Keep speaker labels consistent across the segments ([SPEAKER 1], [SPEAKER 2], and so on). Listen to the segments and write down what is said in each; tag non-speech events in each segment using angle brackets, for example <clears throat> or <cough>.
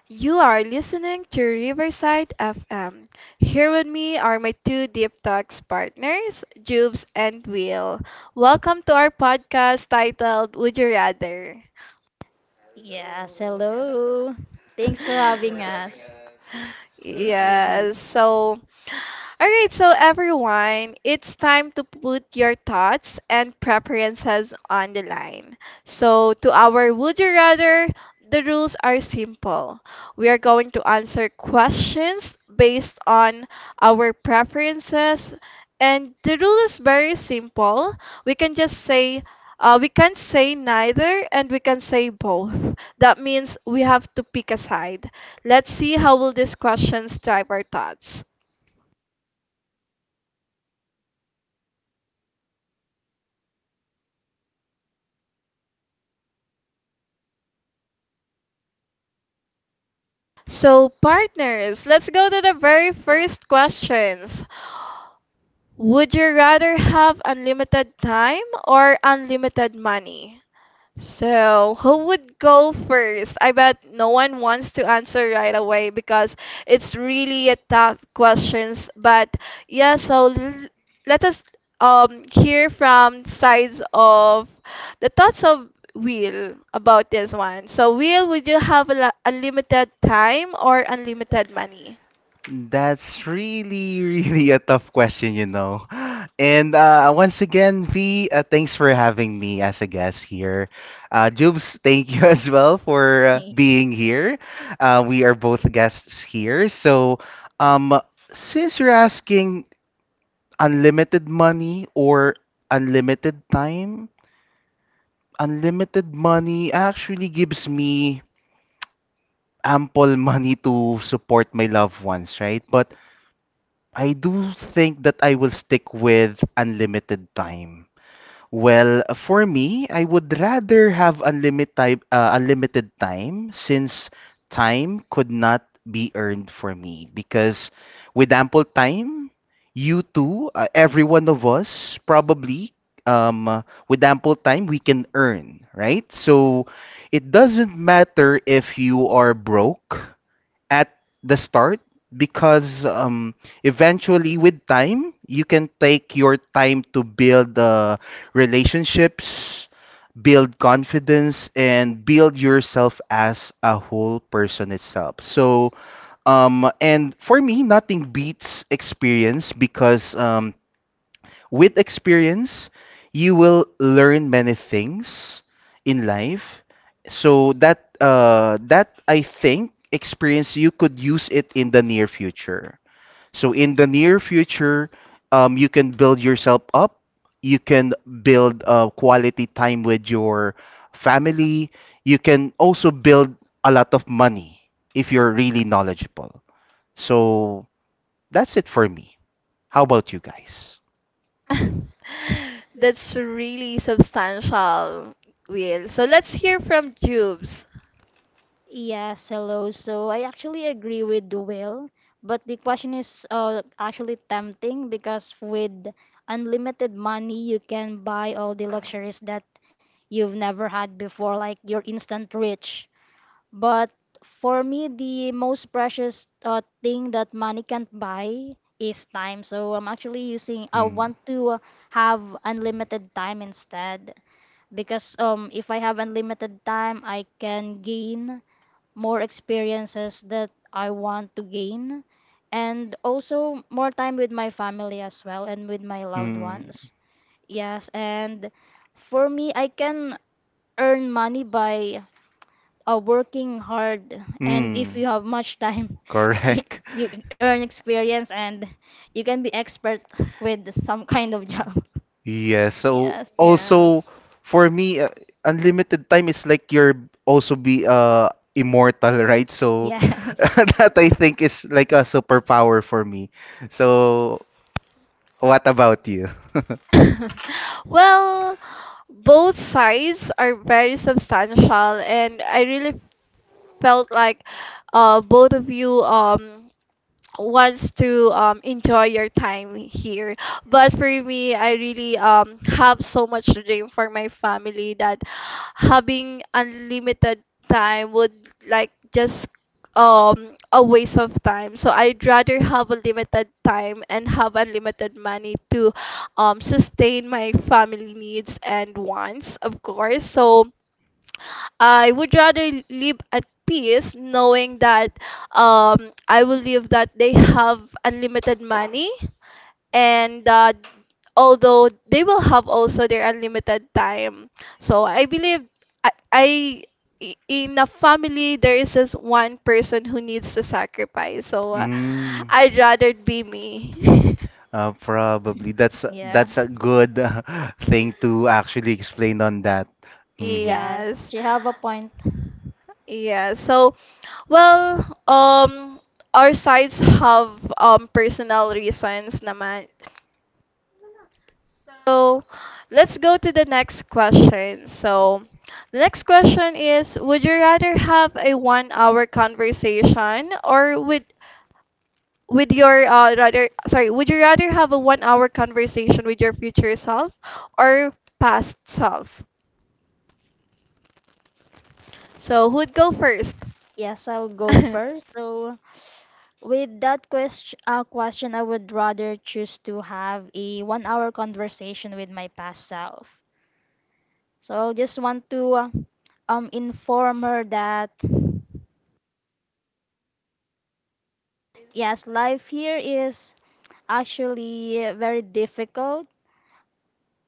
[SPEAKER 1] You are listening to Riverside FM. Here with me are my two Deep Talks partners, Jubes and Will. Welcome to our podcast titled Would You Rather? <laughs> Yes, so all right, so everyone, it's time to put your thoughts and preferences on the line. So, to our Would You Rather, the rules are simple. We are going to answer questions based on our preferences, and the rule is very simple. We can just say we can't say neither and we can say both. That means we have to pick a side. Let's see how will these questions drive our thoughts. So, partners, let's go to the very first questions. Would you rather have unlimited time or unlimited money? So, who would go first? I bet no one wants to answer right away because it's really a tough questions. But yeah, so let us hear from sides of the thoughts of Will about this one. So, Will, would you have a unlimited time or unlimited money?
[SPEAKER 2] That's really, really a tough question, you know. <gasps> And once again, V, thanks for having me as a guest here. Jubes, thank you <laughs> as well for being here. We are both guests here. Um, since you're asking unlimited money or unlimited time, unlimited money actually gives me ample money to support my loved ones, right? But I do think that I will stick with unlimited time. Well, for me, I would rather have unlimited time since time could not be earned for me because with ample time, you too, every one of us probably um with ample time we can earn, right? So it doesn't matter if you are broke at the start because eventually with time you can take your time to build relationships, build confidence and build yourself as a whole person itself. And for me nothing beats experience because with experience, you will learn many things in life. So that I think experience you could use it in the near future. So in the near future, you can build yourself up. You can build quality time with your family. You can also build a lot of money if you're really knowledgeable. So that's it for me. How about you guys?
[SPEAKER 1] <laughs> That's really substantial, Will. So let's hear from Jubes.
[SPEAKER 3] Agree with Will, but the question is actually tempting because with unlimited money, you can buy all the luxuries that you've never had before, like you're instant rich. But for me, the most precious thing that money can't buy is time. So I'm actually using, I
[SPEAKER 2] Mm.
[SPEAKER 3] want to have unlimited time instead because if I have unlimited time, I can gain more experiences that I want to gain, and also more time with my family as well and with my loved
[SPEAKER 2] Mm.
[SPEAKER 3] ones. Yes, and for me, I can earn money by working hard, and if
[SPEAKER 2] Mm,
[SPEAKER 3] you have much time, <laughs> y-
[SPEAKER 2] correct. <laughs>
[SPEAKER 3] you earn experience and you can be expert with some kind of
[SPEAKER 2] Yeah.
[SPEAKER 3] job. <laughs>
[SPEAKER 2] Yeah. So
[SPEAKER 3] Yes.
[SPEAKER 2] also
[SPEAKER 1] Yes.
[SPEAKER 2] for me, unlimited time is like you're also be immortal, right? So
[SPEAKER 3] Yes.
[SPEAKER 2] <laughs> that I think is like a superpower for me. So what about you?
[SPEAKER 1] <laughs> Well, both sides are very substantial, and I really felt like both of you wants to enjoy your time here. But for me, I really have so much dream for my family that having unlimited time would like just a waste of time. So I'd rather have a limited time and have unlimited money to sustain my family needs and wants, of course. So I would rather live at peace knowing that I will live that they have unlimited money, and that although they will have also their unlimited time. So I believe I, I in a family there is just one person who needs to sacrifice. So
[SPEAKER 2] Mm,
[SPEAKER 1] I'd rather be me. <laughs>
[SPEAKER 2] probably that's
[SPEAKER 3] <laughs> Yeah.
[SPEAKER 2] that's a good <laughs> thing to actually explain on that. Mm-hmm.
[SPEAKER 3] Yeah,
[SPEAKER 1] Yes.
[SPEAKER 3] do you have a point?
[SPEAKER 1] Yeah. So well, our sides have personal reasons naman. So, let's go to the next question. So, the next question is, would you rather have a one-hour conversation or would with your rather sorry, would you rather have a one-hour conversation with your future self or past self? So, who'd go first?
[SPEAKER 3] Yes, I'll go
[SPEAKER 1] <laughs>
[SPEAKER 3] first. So with that question, I would rather choose to have a one-hour conversation with my past self. So I just want to inform her that yes, life here is actually very difficult,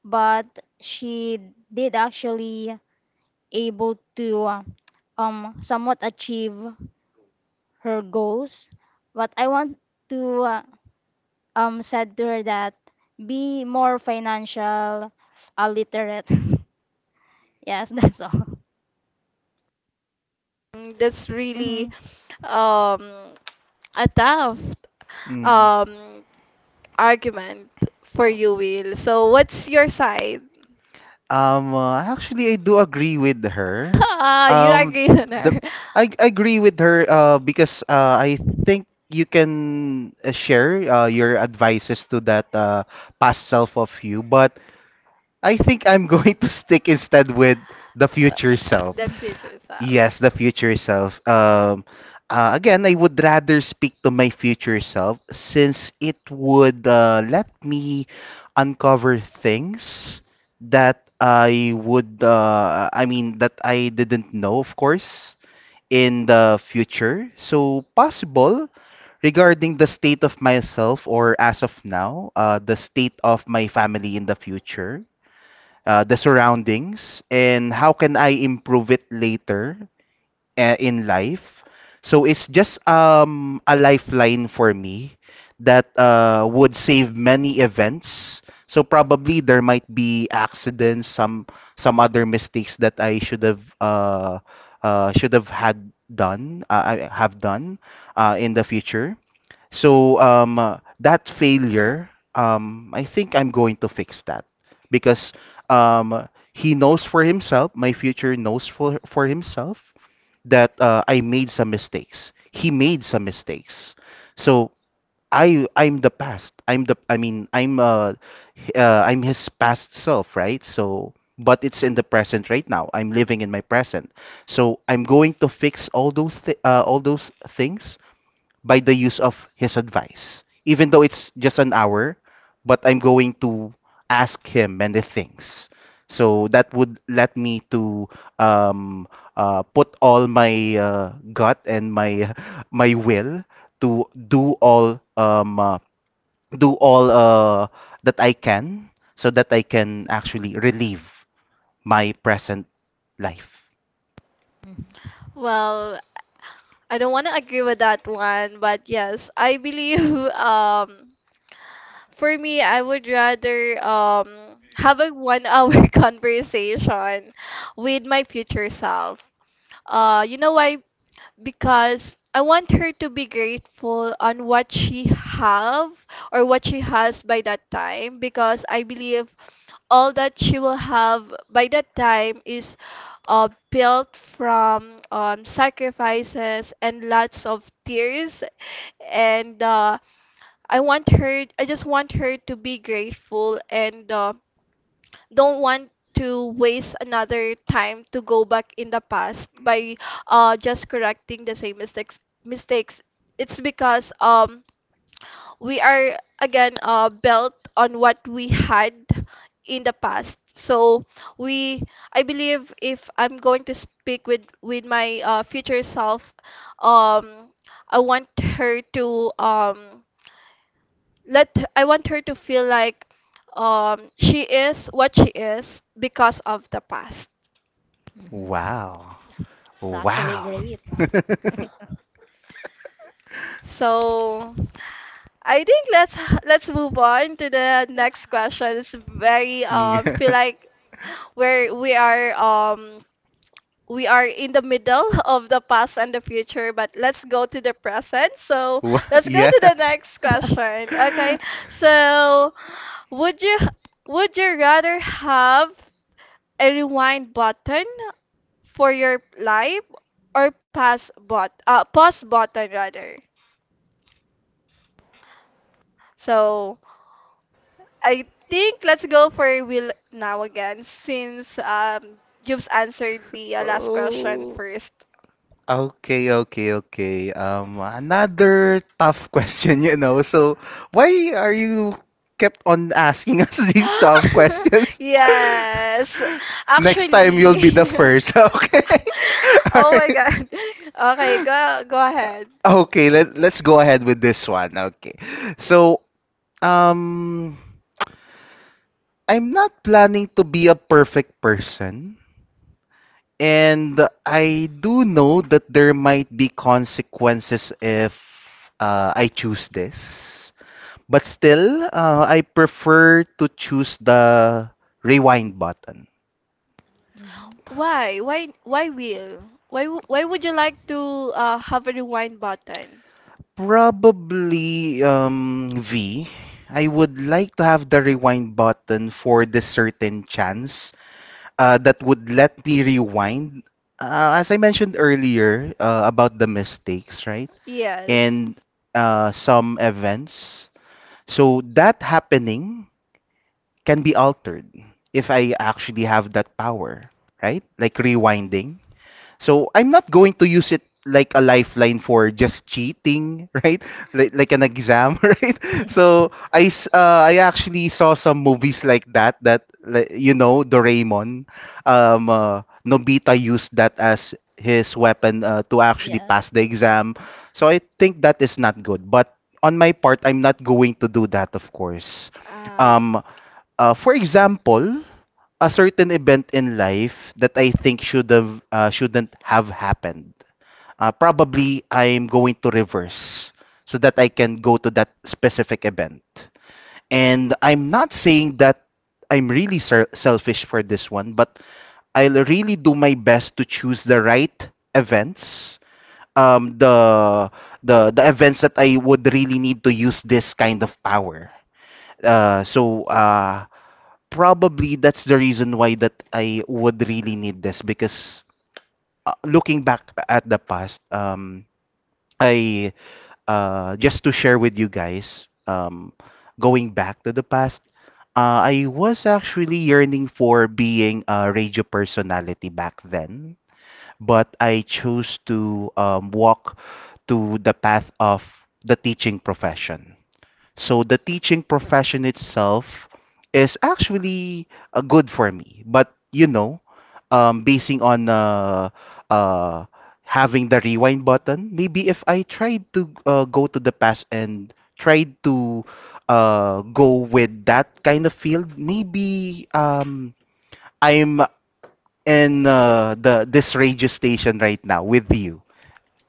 [SPEAKER 3] but she did actually able to somewhat achieve her goals. But I want to said to her that be more financial literate. <laughs> Yes, that's all. <laughs>
[SPEAKER 1] Mm, that's really
[SPEAKER 3] Hmm.
[SPEAKER 1] um a tough um argument for you, Will. So what's your side? <laughs>
[SPEAKER 2] Actually, I do agree with her. <laughs>
[SPEAKER 1] You
[SPEAKER 2] Um,
[SPEAKER 1] agree on
[SPEAKER 2] the,
[SPEAKER 1] her.
[SPEAKER 2] I agree with her because I think you can share your advices to that past self of you, but I think I'm <laughs> going to stick instead with the
[SPEAKER 1] Uh,
[SPEAKER 2] future self.
[SPEAKER 1] The
[SPEAKER 3] Hmm.
[SPEAKER 1] future self.
[SPEAKER 2] Yes, the future self. Again, I would rather speak to my future self since it would let me uncover things that I would, I mean, that I didn't know, of course, in the future. So, possible regarding the state of myself or as of now, the state of my family in the future, the surroundings and how can I improve it later in life. So it's just a lifeline for me that would save many events. So probably there might be accidents, some other mistakes that I should have had done I have done in the future. So that failure, I think I'm going to fix that because um he knows for himself, my future knows for himself that I made some mistakes. He made some mistakes. So I'm the past. I'm the I mean I'm h- I'm his past self, right? So but it's in the present right now. I'm living in my present. So I'm going to fix all those things by the use of his advice. Even though it's just an hour, but I'm going to ask him many things. So that would let me to um, put all my gut and my <laughs> my will to do all that I can, so that I can actually relieve my present life.
[SPEAKER 1] Well, I don't want to agree with that one, but yes, I believe <laughs> um for me I would rather have a 1-hour <laughs> conversation with my future self. Uh, you know why, because I want her to be grateful on what she have or what she has by that time, because I believe all that she will have by that time is built from sacrifices and lots of tears and I want her, I just want her to be grateful, and don't want to waste another time to go back in the past by just correcting the same mistakes. It's because we are again built on what we had in the past, so we, I believe if I'm going to speak with my future self, um I want her to let I want her to feel like she is what she is because of the past.
[SPEAKER 2] Wow!
[SPEAKER 3] It's actually
[SPEAKER 2] Wow!
[SPEAKER 3] great.
[SPEAKER 1] So I think let's move on to the next question. It's very feel like
[SPEAKER 2] <laughs>
[SPEAKER 1] where we are in the middle <laughs> of the past and the future, but let's go to the present. So
[SPEAKER 2] Wha- <laughs>
[SPEAKER 1] let's go
[SPEAKER 2] yeah.
[SPEAKER 1] to the next question. Okay. So would you would you rather have a rewind button for your life or pause button rather? So I think let's go for Will now again, since Jubes answered the last question
[SPEAKER 2] Oh.
[SPEAKER 1] first.
[SPEAKER 2] Okay, okay, okay. Another tough <laughs> question, you know. So, why are you kept on asking us <laughs> these tough
[SPEAKER 1] <laughs>
[SPEAKER 2] questions? <laughs>
[SPEAKER 1] Yes.
[SPEAKER 2] Next time you'll be the
[SPEAKER 1] Actually. <laughs>
[SPEAKER 2] first. <laughs> Okay.
[SPEAKER 1] Oh my God. <laughs> Okay, go go ahead.
[SPEAKER 2] Okay, let's go ahead with this one. Okay. So, um I'm not planning to be a perfect person. And I do know that there might be consequences if I choose this. But still, I prefer to choose the rewind button.
[SPEAKER 3] <laughs>
[SPEAKER 1] Why? Will? Why would you like to have a rewind button?
[SPEAKER 2] Probably V. I would like to have the rewind button for the certain chance that would let me rewind. As I mentioned earlier about the mistakes, right?
[SPEAKER 1] Yes.
[SPEAKER 2] And some events, so that happening can be altered if I actually have that power, right? Like rewinding. So I'm not going to use it like a lifeline for just cheating, <laughs> right? Like an exam, <laughs> right? So I actually saw some movies like that that like, you know, Doraemon, um, uh, Nobita used that as his weapon to actually
[SPEAKER 3] Yes.
[SPEAKER 2] pass the exam. So I think that is not good. But on my part, I'm not going to do that, of course.
[SPEAKER 1] Uh,
[SPEAKER 2] Um, for example, a certain event in life that I think shouldn't have happened. Probably I'm going to reverse so that I can go to that specific event. And I'm not saying that I'm really selfish for this one, but I'll really do my best to choose the right events. Um, the the the events that I would really need to use this kind of power. Uh, so uh, Probably that's the reason why that I would really need this because looking back at the past, I just to share with you guys, going back to the past, I was actually yearning for being a radio personality back then, but I chose to walk to the path of the teaching profession, so the teaching profession itself is actually good for me. But you know, basing on uh, having the rewind button, maybe if I tried to go to the past and tried to go with that kind of field, maybe I'm in the this radio station right now with you,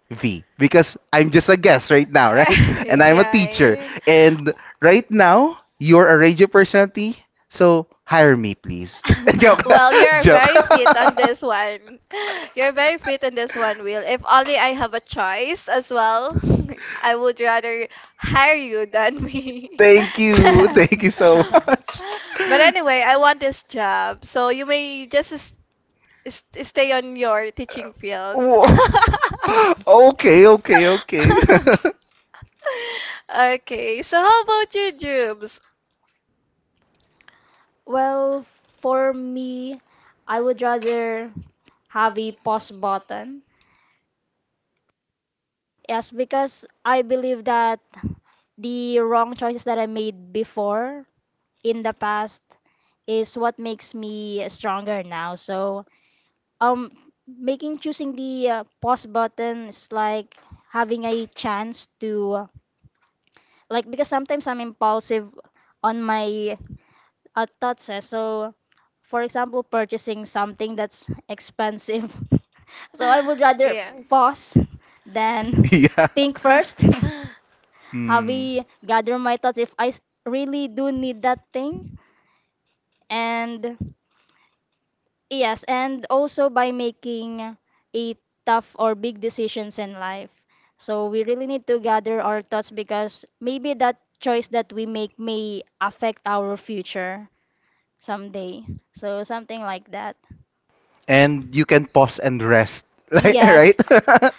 [SPEAKER 2] V, because I'm just a guest right now, right?
[SPEAKER 1] <laughs>
[SPEAKER 2] And I'm a teacher.
[SPEAKER 1] yeah.
[SPEAKER 2] And right now, you're a radio personality, so hire me, please. <laughs> Joke.
[SPEAKER 1] <laughs>
[SPEAKER 2] <laughs>
[SPEAKER 1] Well, you're
[SPEAKER 2] Joke.
[SPEAKER 1] very fit on this one. <laughs> You're very fit on this one, Will. If only I have a choice as well, <laughs> I would rather hire you than
[SPEAKER 2] <laughs>
[SPEAKER 1] me.
[SPEAKER 2] Thank
[SPEAKER 1] <laughs>
[SPEAKER 2] you. Thank you so much.
[SPEAKER 1] But anyway,
[SPEAKER 2] <laughs>
[SPEAKER 1] I want this job, so you may stay on your teaching field.
[SPEAKER 2] Wo-
[SPEAKER 1] <laughs>
[SPEAKER 2] <laughs> okay, okay, okay. <laughs>
[SPEAKER 1] Okay, so how about you, Jubes?
[SPEAKER 3] Well, for me, I would rather have a pause button. Yes, because I believe that the wrong choices that I made before in the past is what makes me stronger now. So um making choosing the pause button is like having a chance to like because sometimes I'm impulsive on my thoughts eh. So for example purchasing something that's expensive <laughs> so I would rather
[SPEAKER 1] Yeah.
[SPEAKER 3] pause than
[SPEAKER 2] yeah.
[SPEAKER 3] think first
[SPEAKER 1] <laughs>
[SPEAKER 3] <laughs> have
[SPEAKER 2] Mm.
[SPEAKER 3] a gather my thoughts if I really do need that thing and yes, and also by making a tough or big decisions in life. So we really need to gather our thoughts because maybe that choice that we make may affect our future someday. So something like that.
[SPEAKER 2] And you can pause and rest. <laughs> Right?
[SPEAKER 3] Yes.
[SPEAKER 2] Right?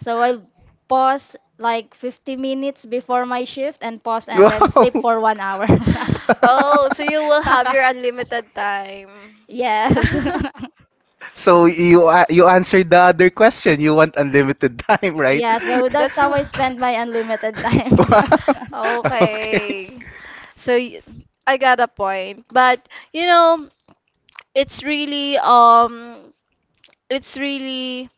[SPEAKER 3] So I'll pause like 50 minutes before my shift and pause and then sleep for one hour.
[SPEAKER 2] <laughs>
[SPEAKER 1] <laughs> Oh, so you will have your
[SPEAKER 3] <laughs>
[SPEAKER 1] unlimited time.
[SPEAKER 3] Yes.
[SPEAKER 1] <laughs>
[SPEAKER 3] <laughs>
[SPEAKER 2] So you answered the other question. You want unlimited time, right?
[SPEAKER 3] Yeah, so that's
[SPEAKER 1] That's
[SPEAKER 3] how I spend my unlimited time.
[SPEAKER 2] <laughs> Okay.
[SPEAKER 1] okay. So I got a point, but you know, it's really it's really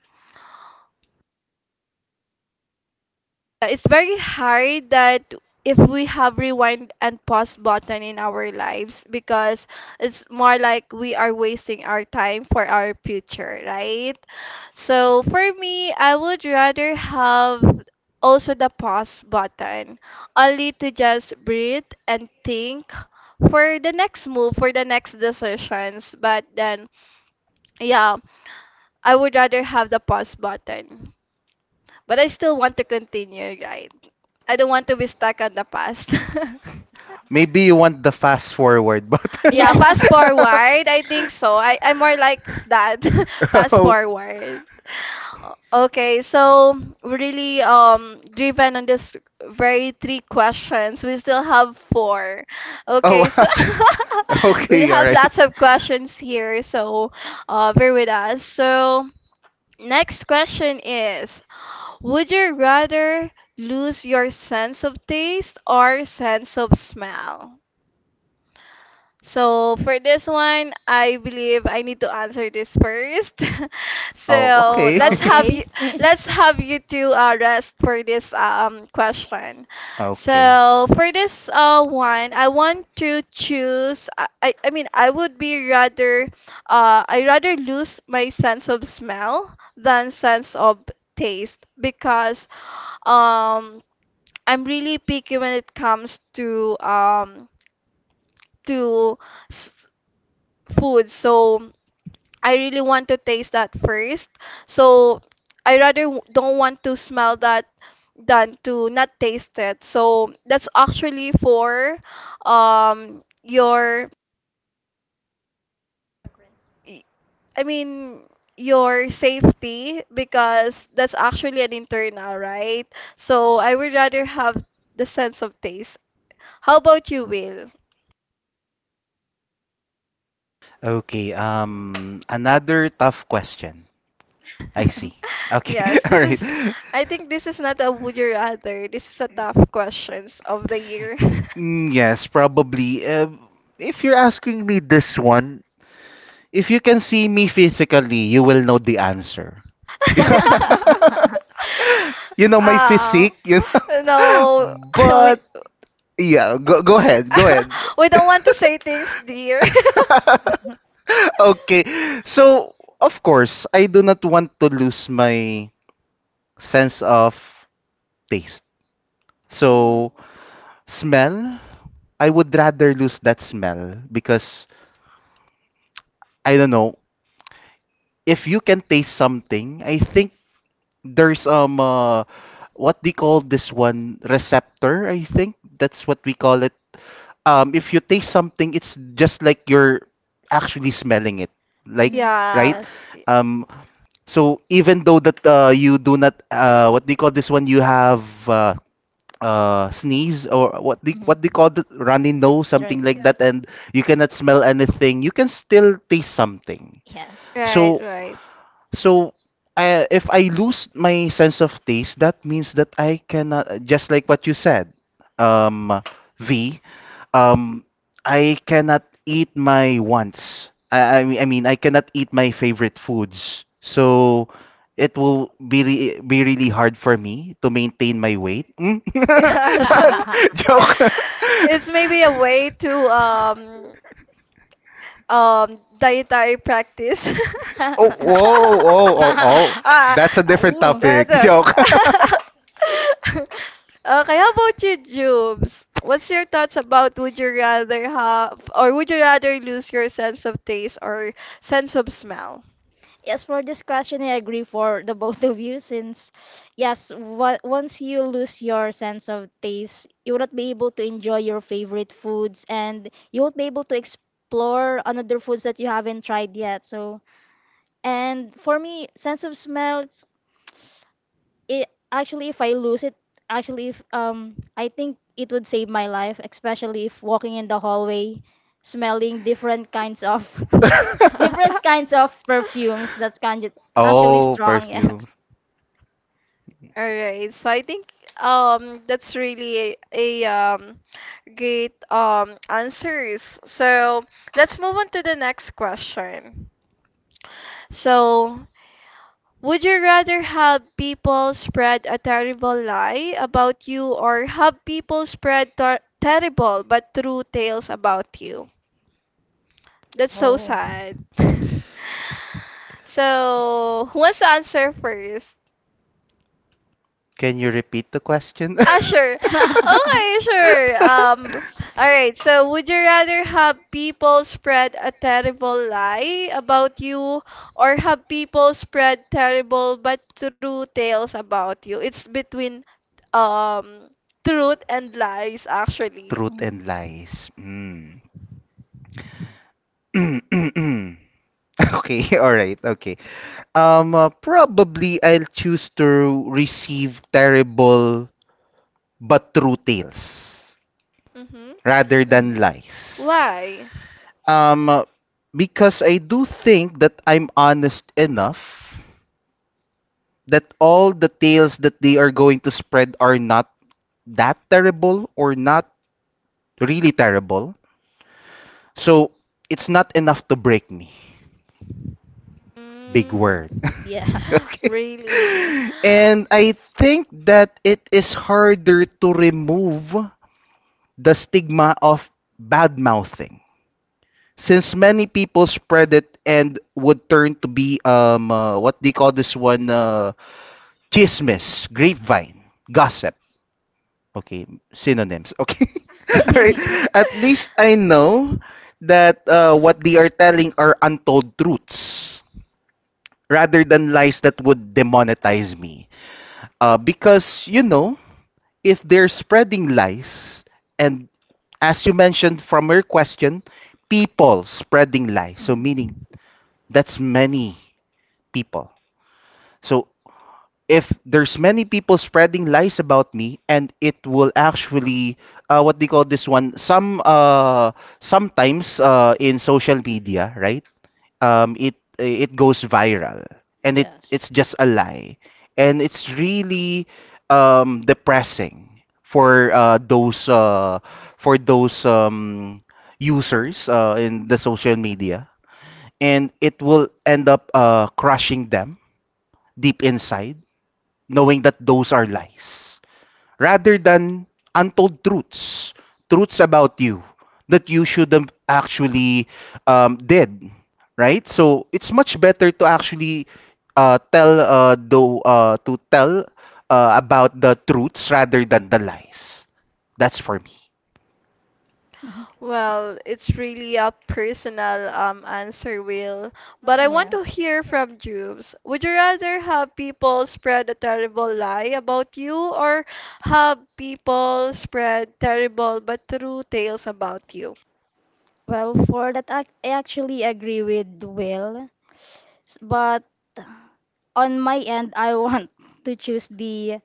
[SPEAKER 1] It's very hard that if we have rewind and pause button in our lives, because it's more like we are wasting our time for our future, right? So for me I would rather have also the pause button, only to just breathe and think for the next move, for the next decisions, but then yeah, I would rather have the pause button, but I still want to continue, right? I don't want to be stuck on the past.
[SPEAKER 2] Maybe you want the fast forward,
[SPEAKER 1] <laughs>
[SPEAKER 2] but
[SPEAKER 3] <laughs>
[SPEAKER 1] Yeah,
[SPEAKER 3] Yeah.
[SPEAKER 1] fast
[SPEAKER 3] <laughs>
[SPEAKER 1] forward. I think so. I'm more like that. <laughs>
[SPEAKER 2] <laughs>
[SPEAKER 1] Fast
[SPEAKER 2] oh,
[SPEAKER 1] forward. Okay, so we're really driven on this very three questions. We still have four.
[SPEAKER 2] oh
[SPEAKER 1] Okay, so
[SPEAKER 2] wow. <laughs>
[SPEAKER 1] <laughs> we'll
[SPEAKER 2] Okay, all
[SPEAKER 1] have
[SPEAKER 2] right.
[SPEAKER 1] lots of questions here, so uh, bear with us. So next question is, would you rather lose your sense of taste or sense of smell? So for this one, I believe I need to answer this first. <laughs>
[SPEAKER 2] Oh,
[SPEAKER 1] So
[SPEAKER 2] okay. <laughs>
[SPEAKER 3] Okay. <laughs>
[SPEAKER 1] let's have you two rest for this question.
[SPEAKER 2] okay.
[SPEAKER 1] So for this one, I want to choose. I mean I would be rather I rather lose my sense of smell than sense of taste, because um I'm really picky when it comes to to food. So I really want to taste that first. So I rather don't want to smell that than to not taste it. So that's actually for your y- I mean your safety, because that's actually an internal, right? So I would rather have the sense of taste. How about you, Will?
[SPEAKER 2] Okay. Another tough question. I see. Okay. <laughs>
[SPEAKER 1] Yes, this
[SPEAKER 2] All
[SPEAKER 1] is,
[SPEAKER 2] right.
[SPEAKER 1] I think this is not a would you rather. This is a tough questions of the year.
[SPEAKER 2] Mm, yes, probably. If you're asking me this one, if you can see me physically, you will know the answer.
[SPEAKER 1] <laughs>
[SPEAKER 2] You know my
[SPEAKER 1] Uh,
[SPEAKER 2] physique, you
[SPEAKER 1] no,
[SPEAKER 2] know. <laughs>
[SPEAKER 1] <laughs> we,
[SPEAKER 2] But yeah, go ahead, go ahead.
[SPEAKER 1] <laughs> we don't want to say things, dear. <laughs>
[SPEAKER 2] <laughs> Okay. So, of course, I do not want to lose my sense of taste.
[SPEAKER 1] Mm,
[SPEAKER 2] So, smell, I would rather lose that smell because I don't know if you can taste something. I think there's what they call this one, receptor. I think that's what we call it. If you taste something it's just like you're actually smelling it, like,
[SPEAKER 3] Mhm.
[SPEAKER 2] right?
[SPEAKER 1] yeah,
[SPEAKER 3] Yes.
[SPEAKER 2] Um so even though that you do not, what do you call this one, you have uh, sneeze, or what do,
[SPEAKER 3] Mhm.
[SPEAKER 2] what do you call, the runny nose,
[SPEAKER 3] Very
[SPEAKER 2] something like
[SPEAKER 3] nice.
[SPEAKER 2] that, and you cannot smell anything, you can still taste something.
[SPEAKER 3] Yes.
[SPEAKER 1] right,
[SPEAKER 2] so
[SPEAKER 1] right.
[SPEAKER 2] so I, if I lose my sense of taste, that means that I cannot, just like what you said, um, V, um I cannot eat my wants. I mean, I cannot eat my favorite foods. So it will be be really hard for me to maintain my weight. Mm?
[SPEAKER 1] Yes.
[SPEAKER 2] <laughs>
[SPEAKER 3] <laughs>
[SPEAKER 2] Joke.
[SPEAKER 1] <laughs> It's maybe a way to dietary practice. <laughs>
[SPEAKER 2] Oh, whoa, oh, oh, oh.
[SPEAKER 1] Ah,
[SPEAKER 2] That's a
[SPEAKER 3] <laughs>
[SPEAKER 2] different
[SPEAKER 3] Ooh.
[SPEAKER 2] topic. <laughs> Joke.
[SPEAKER 1] that. <laughs> Okay, how about you, Jubes? What's your thoughts about would you rather have, or would you rather lose your sense of taste or sense of smell?
[SPEAKER 3] Yes, for this question, I agree for the both of you since, yes, once you lose your sense of taste, you will not be able to enjoy your favorite foods and you won't be able to explore another foods that you haven't tried yet. So, and for me, sense of smell, it actually if I lose it actually if I think it would save my life especially if walking in the hallway smelling different kinds of
[SPEAKER 1] <laughs>
[SPEAKER 3] <laughs> different
[SPEAKER 1] All
[SPEAKER 3] kinds of perfumes that's kind of actually
[SPEAKER 2] Oh,
[SPEAKER 3] strong
[SPEAKER 2] perfume.
[SPEAKER 3] yes.
[SPEAKER 1] right, so I think that's really a great answers. So let's move on to the next question. So would you rather have people spread a terrible lie about you or have people spread terrible but true tales about you? That's so
[SPEAKER 3] Oh.
[SPEAKER 1] sad. <laughs> So, who wants to answer first?
[SPEAKER 2] Can you repeat the question?
[SPEAKER 1] Ah, sure.
[SPEAKER 2] <laughs>
[SPEAKER 1] Okay,
[SPEAKER 3] <laughs>
[SPEAKER 1] sure. All right. So, would you rather have people spread a terrible lie about you or have people spread terrible but true tales about you? It's between um truth and lies actually.
[SPEAKER 2] Truth
[SPEAKER 3] Mhm.
[SPEAKER 2] and lies. Mm. <clears throat> <laughs> Okay, all right, okay. Probably I'll choose to receive terrible but true tales
[SPEAKER 1] Mm-hmm.
[SPEAKER 2] rather than
[SPEAKER 3] Mhm.
[SPEAKER 2] lies.
[SPEAKER 1] Why?
[SPEAKER 2] Um, uh, because I do think that I'm honest enough that all the tales that they are going to spread are not that terrible or not really terrible. So it's not enough to break me. Big
[SPEAKER 1] Mm,
[SPEAKER 2] word.
[SPEAKER 3] Yeah.
[SPEAKER 2] <laughs> Okay.
[SPEAKER 1] really?
[SPEAKER 2] And I think that it is harder to remove the stigma of bad mouthing since many people spread it and would turn to be what they call this one, chismis, grapevine, gossip. Okay, synonyms. Okay. <laughs> Alright.
[SPEAKER 3] <laughs>
[SPEAKER 2] At least I know
[SPEAKER 1] <laughs>
[SPEAKER 2] that what they are telling are untold truths rather than lies that would demonetize me. Because you know, if they're spreading lies, and as you mentioned from your question, people spreading lies, so
[SPEAKER 3] Mhm.
[SPEAKER 2] meaning that's many people. So if there's many people spreading lies about me, and it will actually, what do you call this one? Some sometimes in social media, right? It goes viral and it
[SPEAKER 3] Yes.
[SPEAKER 2] it's just a lie, and it's really depressing for those for those users in the social media, and it will end up crushing them deep inside, knowing that those are lies rather than untold truths, truths about you that you shouldn't actually did, right? So it's much better to actually tell though to tell about the truths rather than the lies. That's for me.
[SPEAKER 3] Mhm.
[SPEAKER 1] Well, it's really a personal answer, Will. But I want
[SPEAKER 3] Yeah.
[SPEAKER 1] to hear from Jubes. Would you rather have people spread a terrible lie about you or have people spread terrible but true tales about you?
[SPEAKER 3] Well, for that I actually agree with Will. But on my end, I want <laughs> to choose the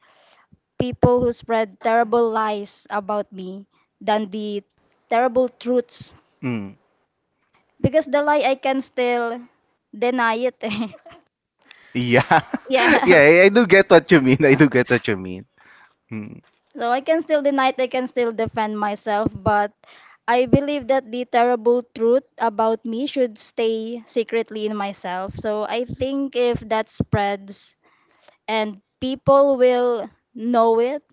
[SPEAKER 3] people who spread terrible lies about me than the terrible truths.
[SPEAKER 2] Mm.
[SPEAKER 3] Because the lie, I can still deny it. <laughs>
[SPEAKER 2] Yeah. <laughs> yeah,
[SPEAKER 3] Yes.
[SPEAKER 2] I do get what you mean. I do get what you mean. Mm.
[SPEAKER 3] So I can still deny it, I can still defend myself, but I believe that the terrible truth about me should stay secretly in myself. So I think if that spreads and people will know it,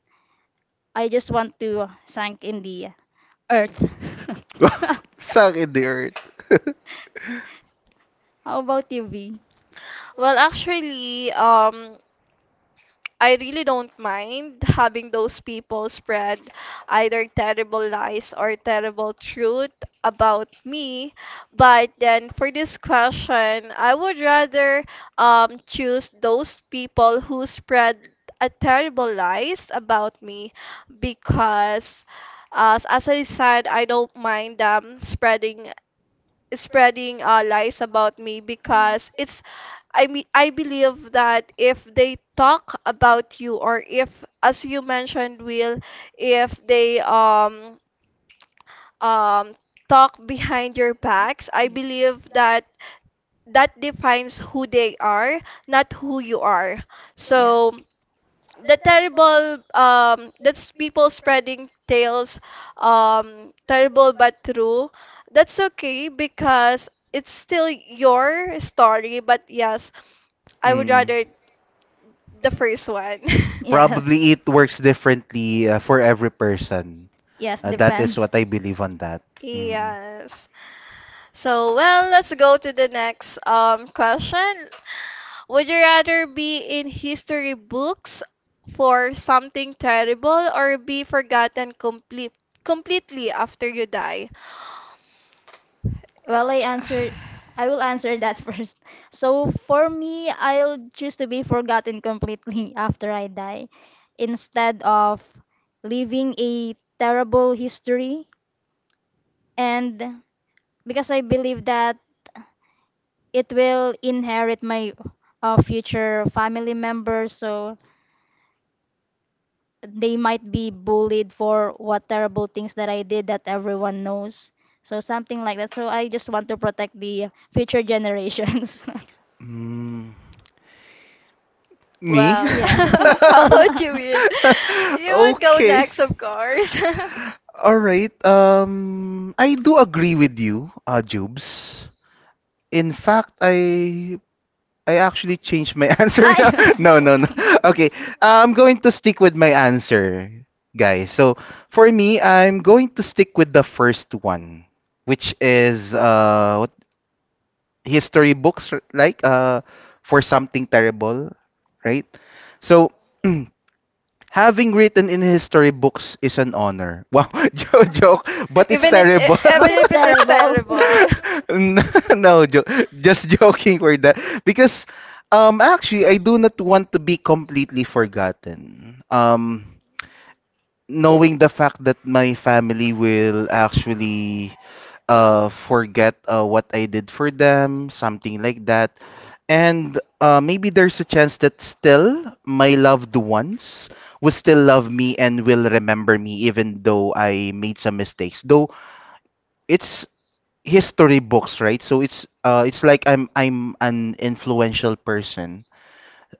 [SPEAKER 3] I just want to sink in the earth. <laughs>
[SPEAKER 2] Suck in the earth.
[SPEAKER 3] How about you, V?
[SPEAKER 1] Well, actually, I really don't mind having those people spread either terrible lies or terrible truth about me. But then for this question, I would rather choose those people who spread a terrible lies about me, because as I said, I don't mind them spreading lies about me, because it's, I mean I believe that if they talk about you, or if as you mentioned Will, if they um talk behind your backs, I believe that that defines who they are, not who you are.
[SPEAKER 3] Yeah.
[SPEAKER 1] So
[SPEAKER 3] Yes. <laughs>
[SPEAKER 1] the terrible that's people spreading tales, terrible but true, that's okay, because it's still your story. But yes, I would
[SPEAKER 2] Mm.
[SPEAKER 1] rather the first one.
[SPEAKER 3] Yes.
[SPEAKER 2] Probably it works differently for every person.
[SPEAKER 3] Yes,
[SPEAKER 1] <laughs> Yeah,
[SPEAKER 2] That is
[SPEAKER 3] depends.
[SPEAKER 2] what I believe on that. Mm.
[SPEAKER 1] yes. So well, let's go to the next question. Would you rather be in history books for something terrible or be forgotten completely after you die?
[SPEAKER 3] Well,
[SPEAKER 1] <sighs>
[SPEAKER 3] I will answer that <laughs> first. So for me, I'll choose to be forgotten completely <laughs> after I die instead of leaving a terrible history and because I believe that it will inherit my future family members, so they might be bullied for what terrible things that I did that everyone knows, so something like that. So I just want to protect the future generations.
[SPEAKER 2] Mm, me?
[SPEAKER 3] <laughs>
[SPEAKER 1] Well, <laughs>
[SPEAKER 3] Yes.
[SPEAKER 1] how
[SPEAKER 3] <laughs>
[SPEAKER 1] about you, Will? You would go
[SPEAKER 2] <laughs> okay.
[SPEAKER 1] next, of course. <laughs>
[SPEAKER 2] All right. I do agree with you, Jubes. In fact, I actually changed my <laughs> answer now. <laughs> no,
[SPEAKER 3] I.
[SPEAKER 2] no, no. Okay, I'm going to stick with my answer, guys. So for me, I'm going to stick with the first one, which is history books for something terrible, right? So <clears throat> having written in history books is an honor, wow. <laughs> Joke. But it's
[SPEAKER 1] Even
[SPEAKER 2] terrible.
[SPEAKER 3] <laughs> But
[SPEAKER 1] even
[SPEAKER 3] it's
[SPEAKER 1] if it is
[SPEAKER 3] terrible.
[SPEAKER 1] terrible. <laughs>
[SPEAKER 2] <laughs> N- <laughs> no jo- Just joking for that. Because actually I do not want to be completely forgotten, knowing the fact that my family will actually forget what I did for them, something like that. And maybe there's a chance that still my loved ones will still love me and will remember me even though I made some mistakes. Though it's history books, right? So it's like I'm an influential person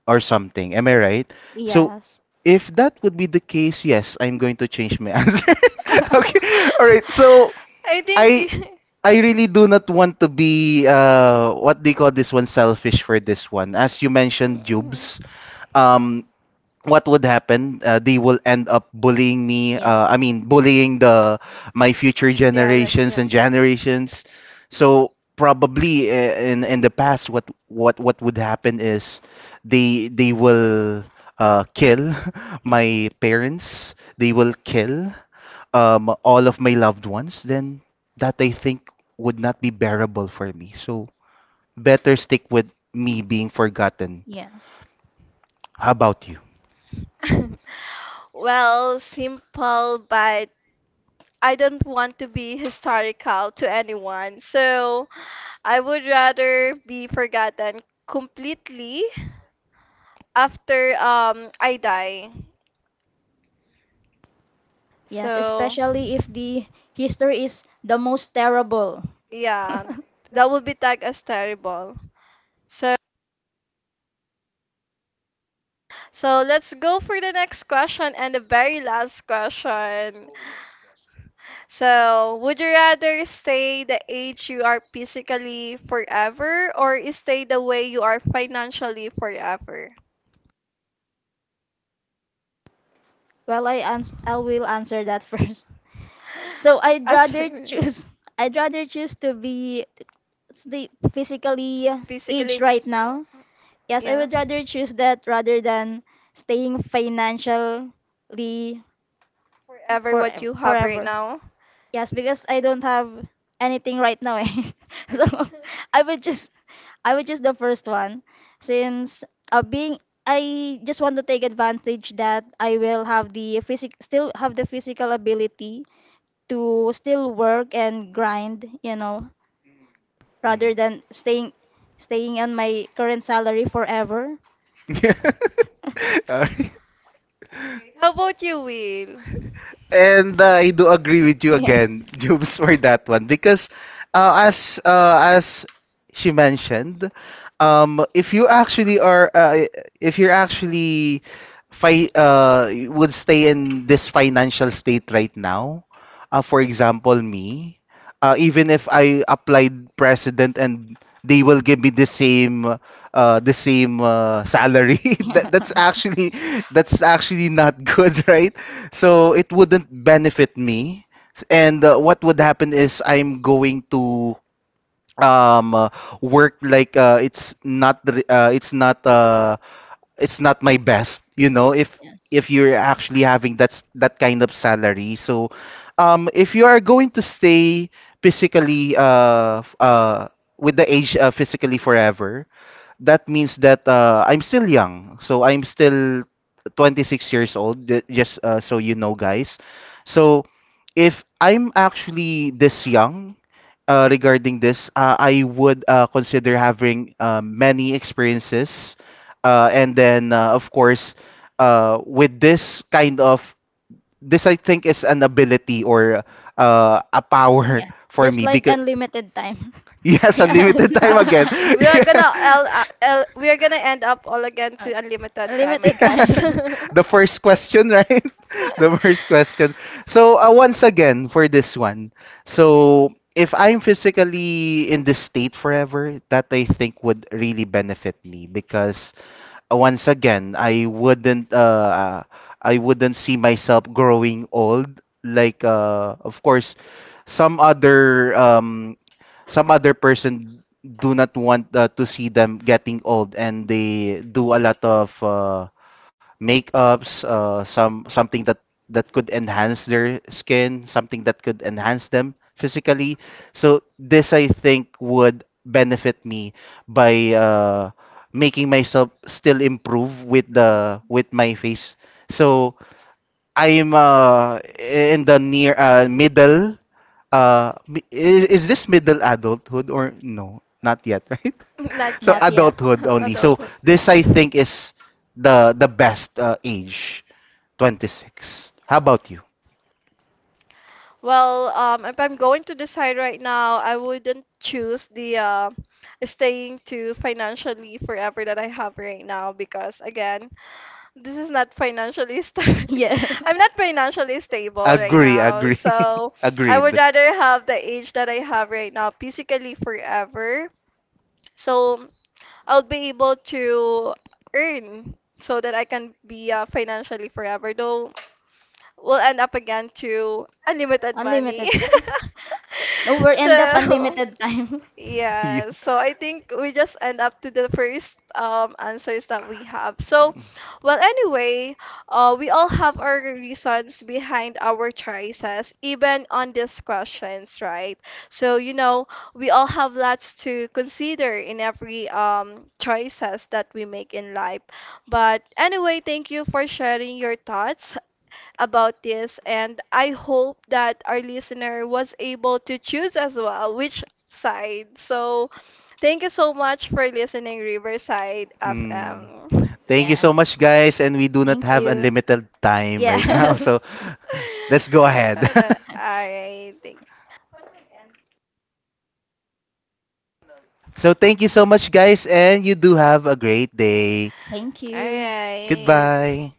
[SPEAKER 2] or something. Am I right? So
[SPEAKER 3] Yes.
[SPEAKER 2] if that would be the case, yes, I'm going to change my <laughs> answer.
[SPEAKER 3] <laughs>
[SPEAKER 2] Okay. All right. So
[SPEAKER 1] I
[SPEAKER 2] I
[SPEAKER 1] think. y-
[SPEAKER 2] I really do not want to be what they call this one, selfish for this one. As you mentioned, Jubes.
[SPEAKER 1] Mhm.
[SPEAKER 2] Um what would happen, they will end up bullying me, I
[SPEAKER 3] Yes,
[SPEAKER 2] mean bullying the my future
[SPEAKER 1] <laughs> Yeah, next
[SPEAKER 2] generations and
[SPEAKER 1] gen.
[SPEAKER 2] generations. So probably in the past, what would happen is they will kill <laughs> my parents, they will kill all of my loved ones. Then that I think would not be bearable for me, so better stick with me being forgotten.
[SPEAKER 3] yes,
[SPEAKER 2] How about you?
[SPEAKER 1] <laughs> Well, simple, but I don't want to be historical to anyone. So I would rather be forgotten completely after I die.
[SPEAKER 3] yes,
[SPEAKER 1] So,
[SPEAKER 3] especially
[SPEAKER 1] especially
[SPEAKER 3] if
[SPEAKER 1] if
[SPEAKER 3] the
[SPEAKER 1] the
[SPEAKER 3] history is the most terrible.
[SPEAKER 1] yeah,
[SPEAKER 3] <laughs>
[SPEAKER 1] that would be tagged as terrible. So, so let's go for the next question and the very last question. So, would you rather stay the age you are physically forever or stay the way you are financially forever?
[SPEAKER 3] Well, I will answer that first. <laughs> So
[SPEAKER 1] So I'd
[SPEAKER 3] I'd
[SPEAKER 1] As
[SPEAKER 3] rather
[SPEAKER 1] rather <laughs> choose
[SPEAKER 3] choose <laughs> I'd rather choose to be the physically
[SPEAKER 1] physically,
[SPEAKER 3] aged
[SPEAKER 1] age
[SPEAKER 3] right
[SPEAKER 1] right now.
[SPEAKER 3] now.
[SPEAKER 1] Yes,
[SPEAKER 3] Yes, I would
[SPEAKER 1] would rather
[SPEAKER 3] rather
[SPEAKER 1] choose
[SPEAKER 3] choose that rather than staying financially
[SPEAKER 1] ever what
[SPEAKER 3] forever
[SPEAKER 1] you have right
[SPEAKER 3] forever.
[SPEAKER 1] forever. Now.
[SPEAKER 3] Yes, because I don't have anything right now. Eh. <laughs> So, <laughs> I would just I would choose the first one since being I just want to take advantage that I will have the physic still have the physical ability to still work and grind, you know, rather
[SPEAKER 2] Mm.
[SPEAKER 3] than staying on my current salary forever. <laughs>
[SPEAKER 2] <laughs> All right.
[SPEAKER 1] How about you, Will?
[SPEAKER 2] And I do agree with you
[SPEAKER 3] Yeah.
[SPEAKER 2] again, <laughs> Jubes, for that one because as she mentioned, if you actually are if you're actually would stay in this financial state right now, for example, me, even if I applied president and they will give me the same salary, <laughs>
[SPEAKER 3] Yeah.
[SPEAKER 2] that,
[SPEAKER 3] <laughs>
[SPEAKER 2] that's actually not good, <laughs> right? So it wouldn't benefit me. And what would happen is, I'm going to um uh, work like it's not the it's not my best, you know,
[SPEAKER 3] Yeah.
[SPEAKER 2] if you're actually having that's that kind of salary. So if you are going to stay physically with the age, physically forever, that means that I'm still young. So I'm still 26 years old, ju- just so you know, guys. So if I'm actually this young regarding this, I would consider having many experiences. And then, of course, with this kind of, this I think is an ability or a power
[SPEAKER 3] Yeah.
[SPEAKER 2] <laughs> for
[SPEAKER 3] Just
[SPEAKER 2] me.
[SPEAKER 3] like
[SPEAKER 2] Because
[SPEAKER 3] unlimited time.
[SPEAKER 2] <laughs>
[SPEAKER 3] <laughs>
[SPEAKER 2] yes, unlimited
[SPEAKER 3] Yes.
[SPEAKER 2] time
[SPEAKER 1] Uh,
[SPEAKER 2] again.
[SPEAKER 1] <laughs> we are gonna
[SPEAKER 2] <laughs>
[SPEAKER 1] we are gonna end up all again to
[SPEAKER 3] <laughs>
[SPEAKER 1] unlimited time, I
[SPEAKER 3] Limited
[SPEAKER 2] Yeah.
[SPEAKER 1] guess.
[SPEAKER 3] time. <laughs>
[SPEAKER 2] <laughs> the
[SPEAKER 1] <laughs>
[SPEAKER 2] first question, right? <laughs> the first question. So once again for this one. So if I'm physically in this state forever, that I think would really benefit me. Because once again, I wouldn't see myself growing old, like of course some other um some other person do not want to see them getting old, and they do a lot of makeups, something that that could enhance their skin, something that could enhance them physically. So this I think would benefit me by making myself still improve with the with my face. So I'm in the near middle. Is this middle adulthood or no? Not yet, <laughs> right?
[SPEAKER 1] Not
[SPEAKER 2] So
[SPEAKER 3] Not
[SPEAKER 1] yet.
[SPEAKER 3] yet.
[SPEAKER 2] adulthood
[SPEAKER 1] <laughs>
[SPEAKER 2] only. So
[SPEAKER 1] Adulthood.
[SPEAKER 2] this I think is the best age, 26. How about you?
[SPEAKER 1] Well, if I'm going to decide right now, I wouldn't choose the staying to financially forever that I have right now, because again, this is not financially <laughs> stable.
[SPEAKER 3] Yes.
[SPEAKER 1] I'm not financially stable right
[SPEAKER 2] Agree,
[SPEAKER 1] now,
[SPEAKER 2] agree.
[SPEAKER 1] so
[SPEAKER 2] <laughs>
[SPEAKER 1] I
[SPEAKER 2] Agreed.
[SPEAKER 1] would rather have
[SPEAKER 2] <laughs>
[SPEAKER 1] the age that I have right now physically forever. So I'll be able to earn so that I can be financially forever. Though we'll end up again to unlimited money.
[SPEAKER 3] Unlimited time. No,
[SPEAKER 1] <laughs>
[SPEAKER 3] we end up
[SPEAKER 1] So,
[SPEAKER 3] unlimited time.
[SPEAKER 2] Yeah.
[SPEAKER 1] yeah, so I think we just end up to the first answers that we have. So, well, anyway, we all have our reasons behind our choices, even on these questions, right? So, you know, we all have lots to consider in every choices that we make in life. But anyway, thank you for sharing your thoughts about this, and I hope that our listener was able to choose as well which side. So, thank you so much for listening, Riverside
[SPEAKER 2] Mm.
[SPEAKER 1] FM.
[SPEAKER 3] <laughs>
[SPEAKER 2] Thank you so
[SPEAKER 3] Yes.
[SPEAKER 2] much, guys. And we do not
[SPEAKER 3] Thank
[SPEAKER 2] have
[SPEAKER 3] you.
[SPEAKER 2] unlimited time right
[SPEAKER 1] <laughs> Go
[SPEAKER 2] now. <laughs>
[SPEAKER 3] Yes.
[SPEAKER 2] So let's go ahead.
[SPEAKER 1] ahead. All right, thank.
[SPEAKER 2] <laughs> so thank you so much, guys. And you do have a great day.
[SPEAKER 3] <laughs> Thank
[SPEAKER 1] All
[SPEAKER 3] you.
[SPEAKER 1] right.
[SPEAKER 2] Goodbye.